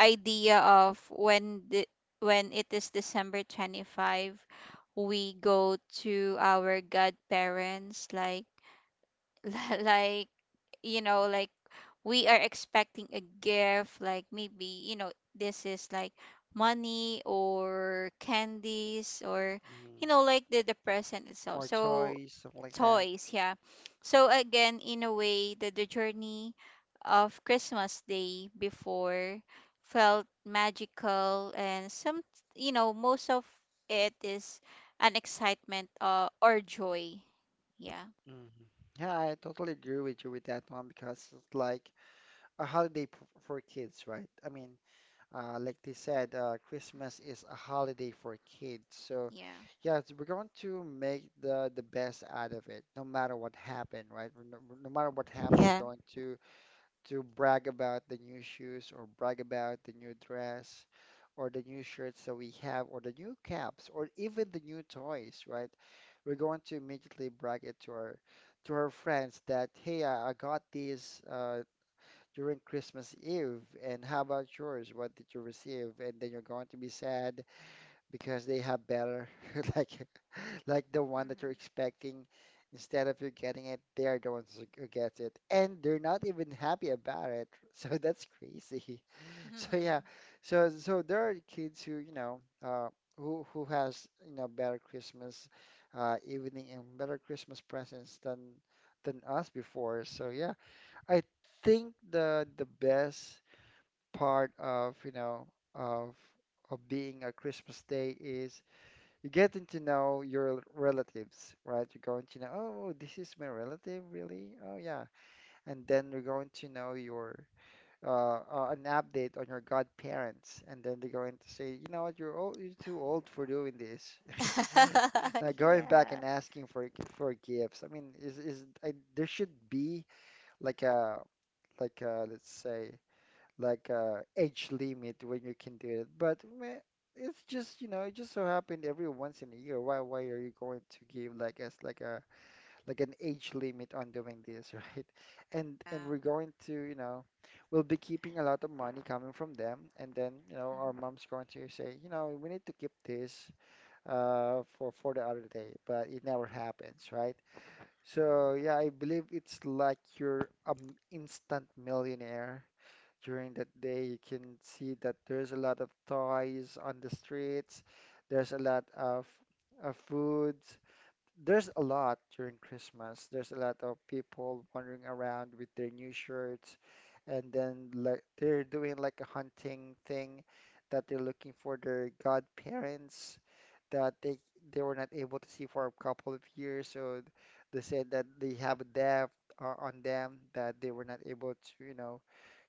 B: idea of when the, when it is December twenty-fifth, we go to our godparents, like, like you know, like, we are expecting a gift, like, maybe, you know, this is like money or candies, or, you
A: Mm-hmm.
B: know, like, the, the present itself,
A: Or
B: so,
A: toys, something like that.
B: toys, yeah. So again, in a way that the journey of Christmas day before felt magical, and some, you know, most of it is an excitement, uh, or joy, yeah.
A: Mm-hmm. Yeah, I totally agree with you with that one because it's like a holiday p- for kids, right? I mean, Uh, like they said, uh, Christmas is a holiday for kids. So,
B: Yeah.
A: yeah, it's- we're going to make the the best out of it, no matter what happened, right? We're No, no matter what happened,
B: Yeah.
A: we're going to to brag about the new shoes or brag about the new dress or the new shirts that we have or the new caps or even the new toys, right? We're going to immediately brag it to our to our friends that, hey, I, I got this uh, during Christmas Eve. And how about yours? What did you receive? And then you're going to be sad because they have better, like like the one that you're expecting. Instead of you getting it, they are the ones who get it, and they're not even happy about it. So that's crazy. So yeah,
B: Mm-hmm.
A: so so there are kids who you know uh, who who has you know better Christmas uh, evening and better Christmas presents than than us before. So yeah, I think the the best part of, you know, of of being a Christmas day is you getting to know your relatives, right? You're going to know, oh, this is my relative, really? Oh, yeah. And then you're going to know your uh, uh an update on your godparents, and then they're going to say, you know what, you're old, you're too old for doing this. Now going back
B: Yeah.
A: and asking for for gifts. I mean, is is I, there should be like a like uh, let's say like uh, age limit when you can do it. But meh, it's just you know it just so happened every once in a year. Why why are you going to give like as like a like an age limit on doing this, right? And and
B: Yeah.
A: we're going to you know we'll be keeping a lot of money coming from them, and then you know our mom's going to say you know we need to keep this uh for for the other day, but it never happens, right? So yeah, I believe it's like you're an instant millionaire during that day. You can see that there's a lot of toys on the streets. There's a lot of, of foods. There's a lot during Christmas. There's a lot of people wandering around with their new shirts, and then like they're doing like a hunting thing that they're looking for their godparents that they they were not able to see for a couple of years. So they said that they have a debt uh, on them that they were not able to, you know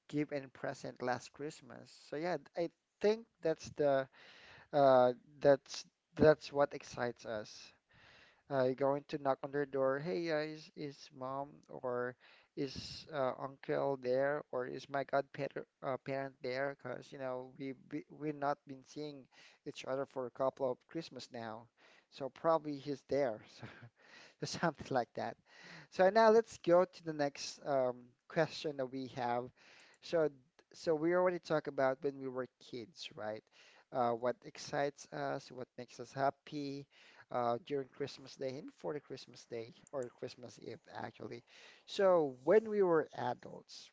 A: give and present last Christmas. So yeah, I think that's the uh that's that's what excites us. Uh, you're going to knock on their door. Hey, uh, is is mom or is uh, uncle there, or is my godparent uh, parent there? Because you know we we we've not been seeing each other for a couple of Christmas now, so probably he's there. So something like that. So now let's go to the next um, question that we have. So, so we already talked about when we were kids, right? Uh, what excites us, what makes us happy uh, during Christmas Day and before the Christmas Day, or Christmas Eve, actually. So when we were adults,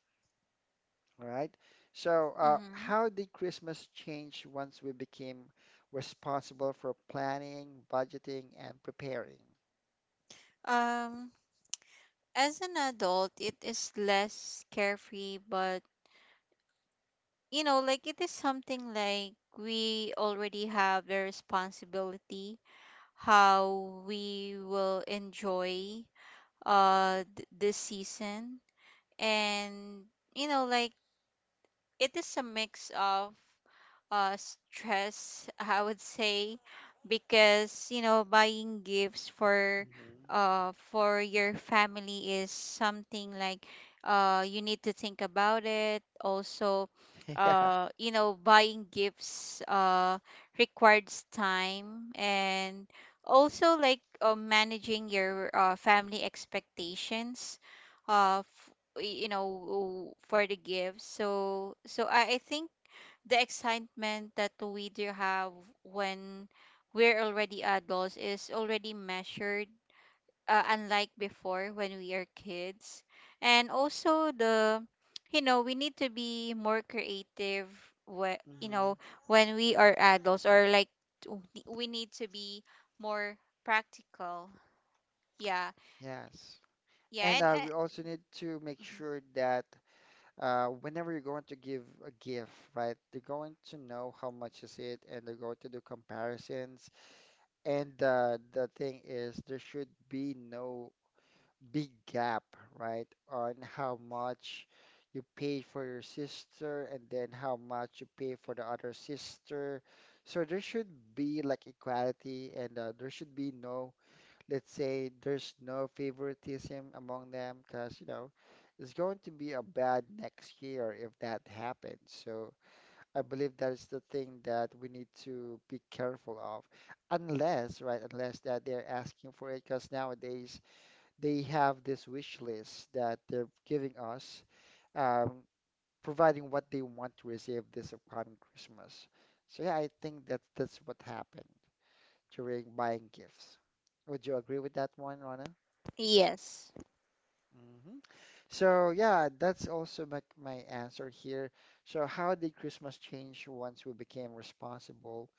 A: right? So uh,
B: Hmm.
A: how did Christmas change once we became responsible for planning, budgeting, and preparing?
B: Um, as an adult, it is less carefree, but, you know, like, it is something like we already have the responsibility how we will enjoy uh th- this season. And, you know, like, it is a mix of, uh, stress, I would say, because, you know, buying gifts for,
A: Hmm.
B: uh for your family is something like, uh you need to think about it. Also,
A: Yeah.
B: uh you know, buying gifts uh requires time, and also like, uh, managing your, uh, family expectations. Uh, y- you know, for the gifts. So, so I, I think the excitement that we do have when we're already adults is already measured, uh, unlike before when we are kids. And also the, you know, we need to be more creative, wh- you know,
A: Hmm.
B: when we are adults, or like, t- we need to be more practical, yeah,
A: Yes.
B: yeah,
A: And
B: and,
A: uh,
B: uh,
A: we also need to make
B: mhm.
A: sure that uh, whenever you're going to give a gift, right, they're going to know how much is it, and they're going to do comparisons. And uh, the thing is, there should be no big gap, right, on how much you pay for your sister and then how much you pay for the other sister. So there should be like equality, and uh, there should be no, let's say, there's no favoritism among them, because you know it's going to be a bad next year if that happens. So I believe that is the thing that we need to be careful of, unless, right, unless that they're asking for it, because nowadays they have this wish list that they're giving us, um, providing what they want to receive this upcoming Christmas. So yeah, I think that that's what happened during buying gifts. Would you agree with that one, Rana?
B: Yes.
A: Hmm. So yeah, that's also my, my answer here. So how did Christmas change once we became responsible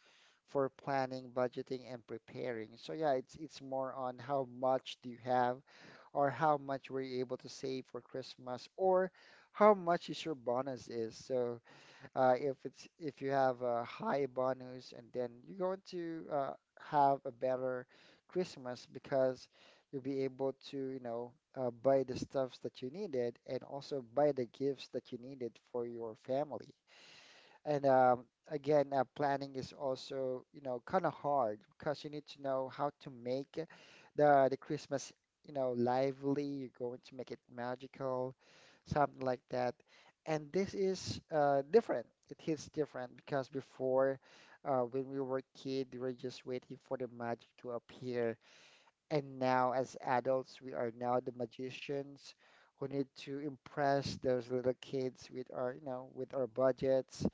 A: for planning, budgeting, and preparing? So yeah, it's it's more on how much do you have, or how much were you able to save for Christmas, or how much is your bonus is. So uh, if it's, if you have a high bonus, and then you're going to uh, have a better Christmas, because you'll be able to, you know, uh, buy the stuffs that you needed, and also buy the gifts that you needed for your family. And um, again, uh, planning is also, you know, kind of hard, because you need to know how to make the the Christmas, you know, lively. You're going to make it magical, something like that. And this is uh, different. It hits different because before, uh, when we were kid, we were just waiting for the magic to appear. And now, as adults, we are now the magicians who need to impress those little kids with our, you know, with our budgets,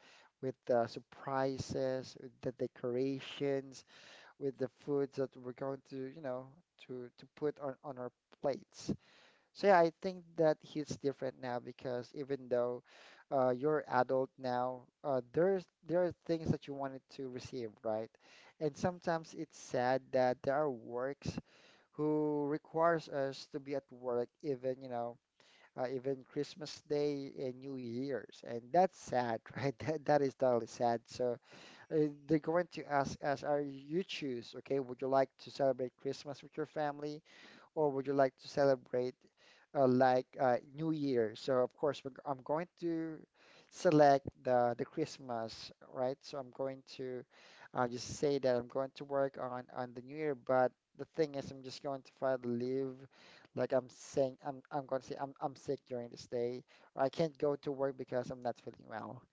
A: with the surprises, with the decorations, with the foods that we're going to, you know, to to put on on our plates. So yeah, I think that hits different now, because even though uh, you're adult now, uh, there's there are things that you wanted to receive, right? And sometimes it's sad that there are works who requires us to be at work even, you know, uh, even Christmas Day and New Year's, and that's sad, right? That that is totally sad. So uh, they're going to ask us, "Are you choose? Okay, would you like to celebrate Christmas with your family?" or would you like to celebrate uh, like uh, New Year? So of course we're, g- I'm going to select the the Christmas, right? So I'm going to uh, just say that I'm going to work on on the New Year, but the thing is I'm just going to file the leave. Like I'm saying, I'm I'm going to say I'm I'm sick during this day, or I can't go to work because I'm not feeling well.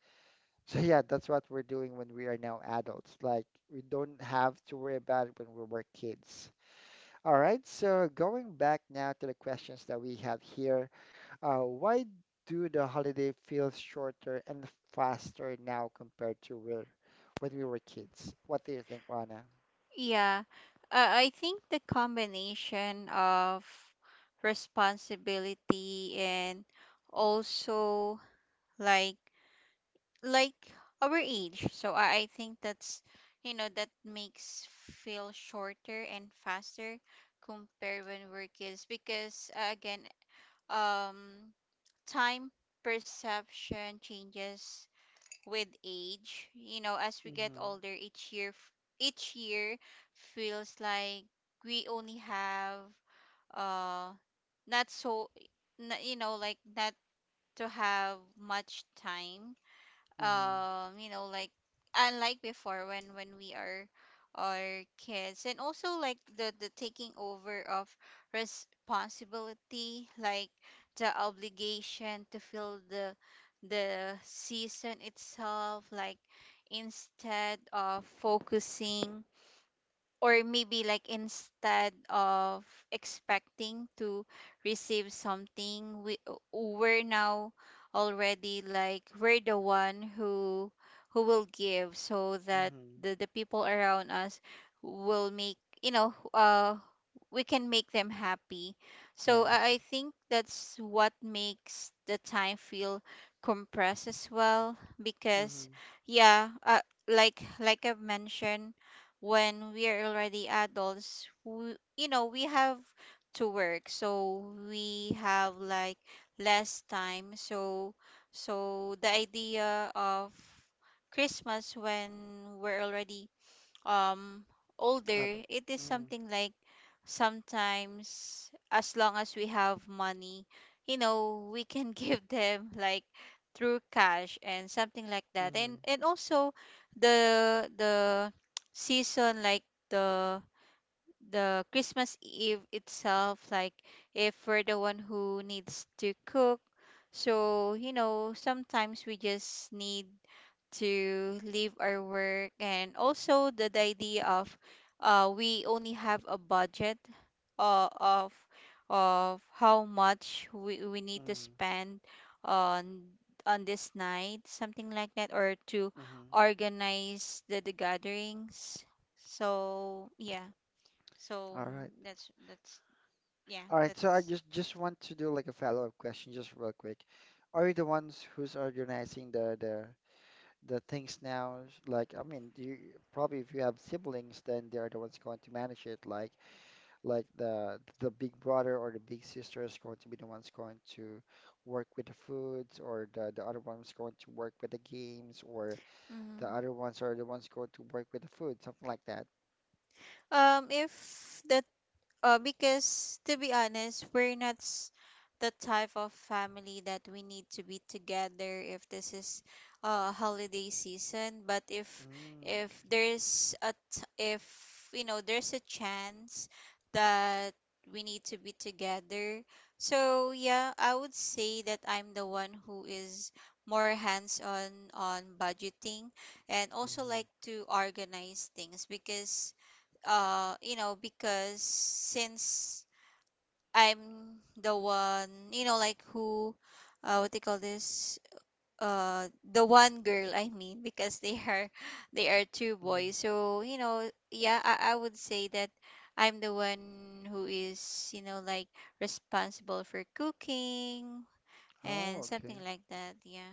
A: So yeah, that's what we're doing when we are now adults. Like we don't have to worry about it when we were kids. All right, so going back now to the questions that we have here, uh, why do the holiday feel shorter and faster now compared to where, when we were kids? What do you think, Rana?
B: Yeah, uh, I think the combination of responsibility and also like like our age. So I, I think that's, you know, that makes feel shorter and faster compared when we're kids, because, uh, again, um time perception changes with age, you know, as we get
A: Mm-hmm.
B: older each year, f- each year feels like we only have, uh not so, n- you know, like, not to have much time,
A: Mm-hmm.
B: um you know, like, unlike before when when we are are kids, and also like the the taking over of responsibility, like, the obligation to fill the the season itself, like, instead of focusing, or maybe, like, instead of expecting to receive something, we uh, we're now already like we're the one who who will give, so that
A: Mm-hmm.
B: the, the people around us will make, you know, uh we can make them happy. So I I
A: Yes.
B: think that's what makes the time feel compressed as well,
A: Mm-hmm.
B: because, yeah, uh, like like I've mentioned, when we are already adults, we, you know, we have to work. So we have like less time. So, so the idea of Christmas when we're already um
A: Uh,
B: older, it is
A: Mm-hmm.
B: something like, sometimes, as long as we have money, you know, we can give them like through cash and something like that,
A: Mm-hmm.
B: and and also the the season, like, the the Christmas Eve itself, like, if we're the one who needs to cook, so, you know, sometimes we just need to leave our work, and also the, the idea of, uh, we only have a budget, uh, of of how much we, we need to
A: Mm-hmm.
B: spend on on this night, something like that, or to
A: Mm-hmm.
B: organize the, the gatherings. So, yeah, so,
A: All right.
B: mm, that's that's yeah,
A: All right. So I
B: that's,
A: just just want to do like a follow-up question, just real quick. Are you the ones who's organizing the the the things now, is like, I mean, you probably, if you have siblings, then they're the ones going to manage it. Like like the the big brother or the big sister is going to be the ones going to work with the foods, or the the other one's going to work with the games, or the
B: hmm
A: other ones are the ones going to work with the food, something like that.
B: um if the. Uh, because, to be honest, we're not s- the type of family that we need to be together if this is uh holiday season. But, if
A: Mm,
B: if
A: okay.
B: there's a t- if you know, there's a chance that we need to be together, so, yeah, I would say that I'm the one who is more hands-on on budgeting, and also,
A: Hmm.
B: like, to organize things, because, uh you know, because, since I'm the one, you know, like, who, uh what they call this, uh the one girl, I mean, because they are they are two
A: Hmm.
B: boys, so, you know, yeah, i, I would say that I'm the one who is, you know, like, responsible for cooking
A: Oh,
B: and something
A: okay.
B: like that. Yeah.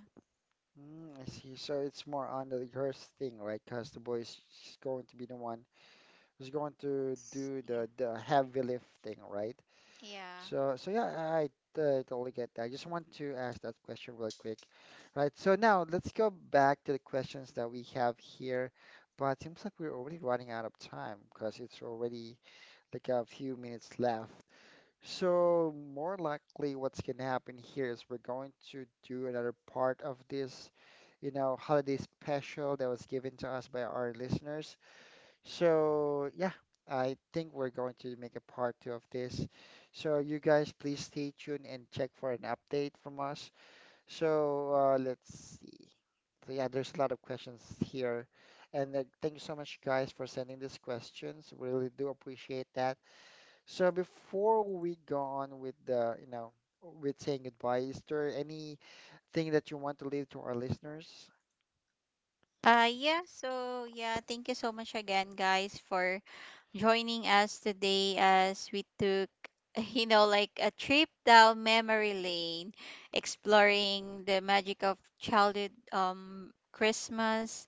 A: Mm, I see. So it's more on the girls thing, right? Because the boy is going to be the one who's going to do
B: Yeah.
A: the the heavy lifting, right?
B: Yeah.
A: So so yeah, I uh, totally get that. I just want to ask that question real quick, right? So now let's go back to the questions that we have here, but it seems like we're already running out of time, because it's already like a few minutes left. So more likely, what's going to happen here is we're going to do another part of this, you know, holiday special that was given to us by our listeners. So, yeah, I think we're going to make a part two of this. So, you guys, please stay tuned and check for an update from us. So, uh, let's see. So, yeah, there's a lot of questions here. And uh, thank you so much, guys, for sending these questions. We really do appreciate that. So, before we go on with the, you know, with saying goodbye, is there anything that you want to leave to our listeners?
B: Uh, yeah, so, yeah, thank you so much again, guys, for joining us today, as we took, you know, like, a trip down memory lane, exploring the magic of childhood, um, Christmas,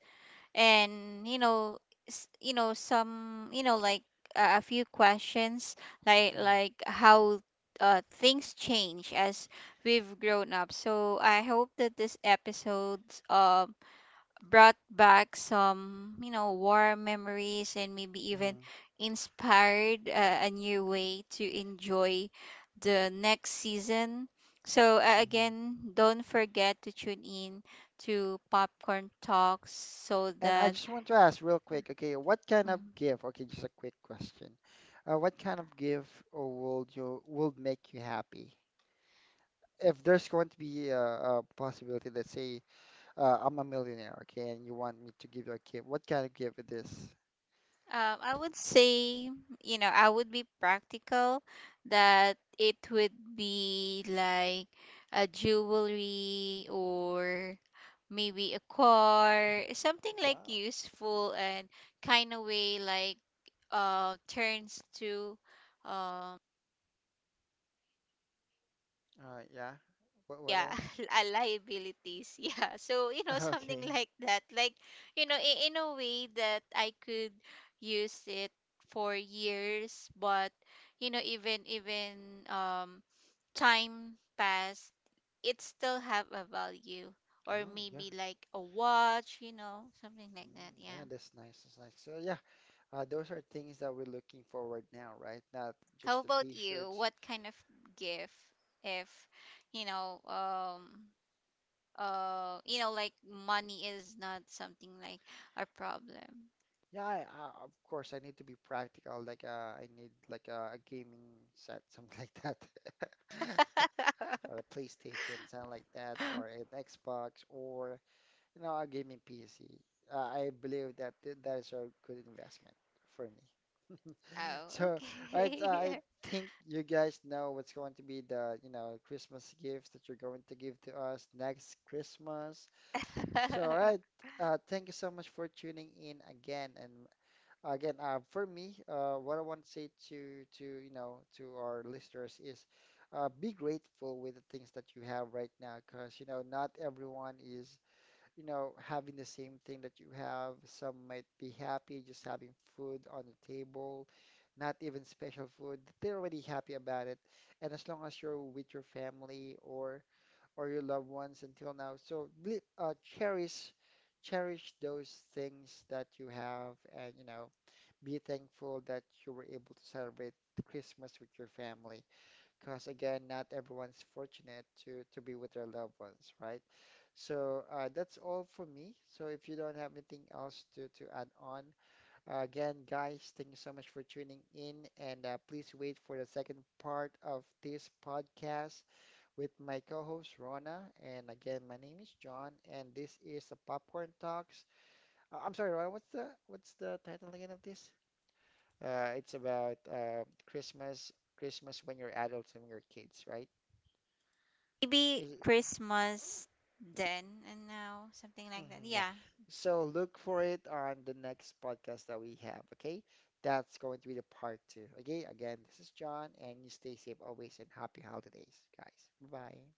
B: and, you know, s- you know, some, you know, like, uh, a few questions, like like how uh things change as we've grown up. So I hope that this episode, um brought back some, you know, warm memories, and maybe even inspired, uh, a new way to enjoy the next season. So, uh,
A: Mm-hmm.
B: again, don't forget to tune in to Popcorn Talks, so
A: And I
B: that,
A: just want to ask real quick, okay, what kind of
B: mm,
A: gift? Okay, just a quick question. Uh, what kind of gift uh, will you will make you happy? If there's going to be a, a possibility, let's say uh, I'm a millionaire, okay, and you want me to give you a gift, what kind of gift it is?
B: Um, I would say, you know, I would be practical, that it would be like a jewelry, or maybe a car, something like
A: Wow.
B: useful and kind of way, like uh turns to, um,
A: Uh, yeah. What what
B: yeah,
A: else?
B: uh, liabilities, yeah, so, you know, something
A: Okay.
B: like that, like, you know, in, in a way that I could use it for years, but, you know, even even um time passed, it still have a value, or
A: Oh, yeah.
B: maybe like a watch, you know, something like that,
A: Mm, yeah,
B: yeah.
A: that's nice. That's nice. So yeah, uh, those are things that we're looking forward now, right? Not
B: How
A: just the
B: about you,
A: t-shirts.
B: what kind of gift, if, you know, um uh you know, like, money is not something like a problem.
A: Yeah, I, I, of course I need to be practical. Like uh, I need like uh, a gaming set, something like that, or a PlayStation, something like that, or an Xbox, or you know a gaming P C. Uh, I believe that th that is a good investment for me.
B: Oh,
A: So I I
B: okay.
A: think you guys know what's going to be the, you know, Christmas gifts that you're going to give to us next Christmas. So all right, uh, thank you so much for tuning in again, and again, uh, for me, uh, what I want to say to to you know to our listeners is, uh, be grateful with the things that you have right now, because you know not everyone is you know having the same thing that you have. Some might be happy just having food on the table, not even special food. They're already happy about it, and as long as you're with your family or or your loved ones until now, so ble- uh, cherish cherish those things that you have, and you know be thankful that you were able to celebrate Christmas with your family, because again, not everyone's fortunate to to be with their loved ones, right? So uh, that's all for me. So if you don't have anything else to to add on, uh, again, guys, thank you so much for tuning in, and uh, please wait for the second part of this podcast with my co-host Rona. And again, my name is John, and this is the Popcorn Talks. Uh, I'm sorry, Rona, what's the what's the title again of this? Uh, it's about uh, Christmas, Christmas when you're adults and when you're kids, right?
B: Maybe
A: Is it-
B: Christmas then and now, something like that,
A: Mhm, yeah.
B: yeah.
A: So look for it on the next podcast that we have, okay? That's going to be the part two. Okay, again, this is John, and you stay safe always and happy holidays, guys. Bye.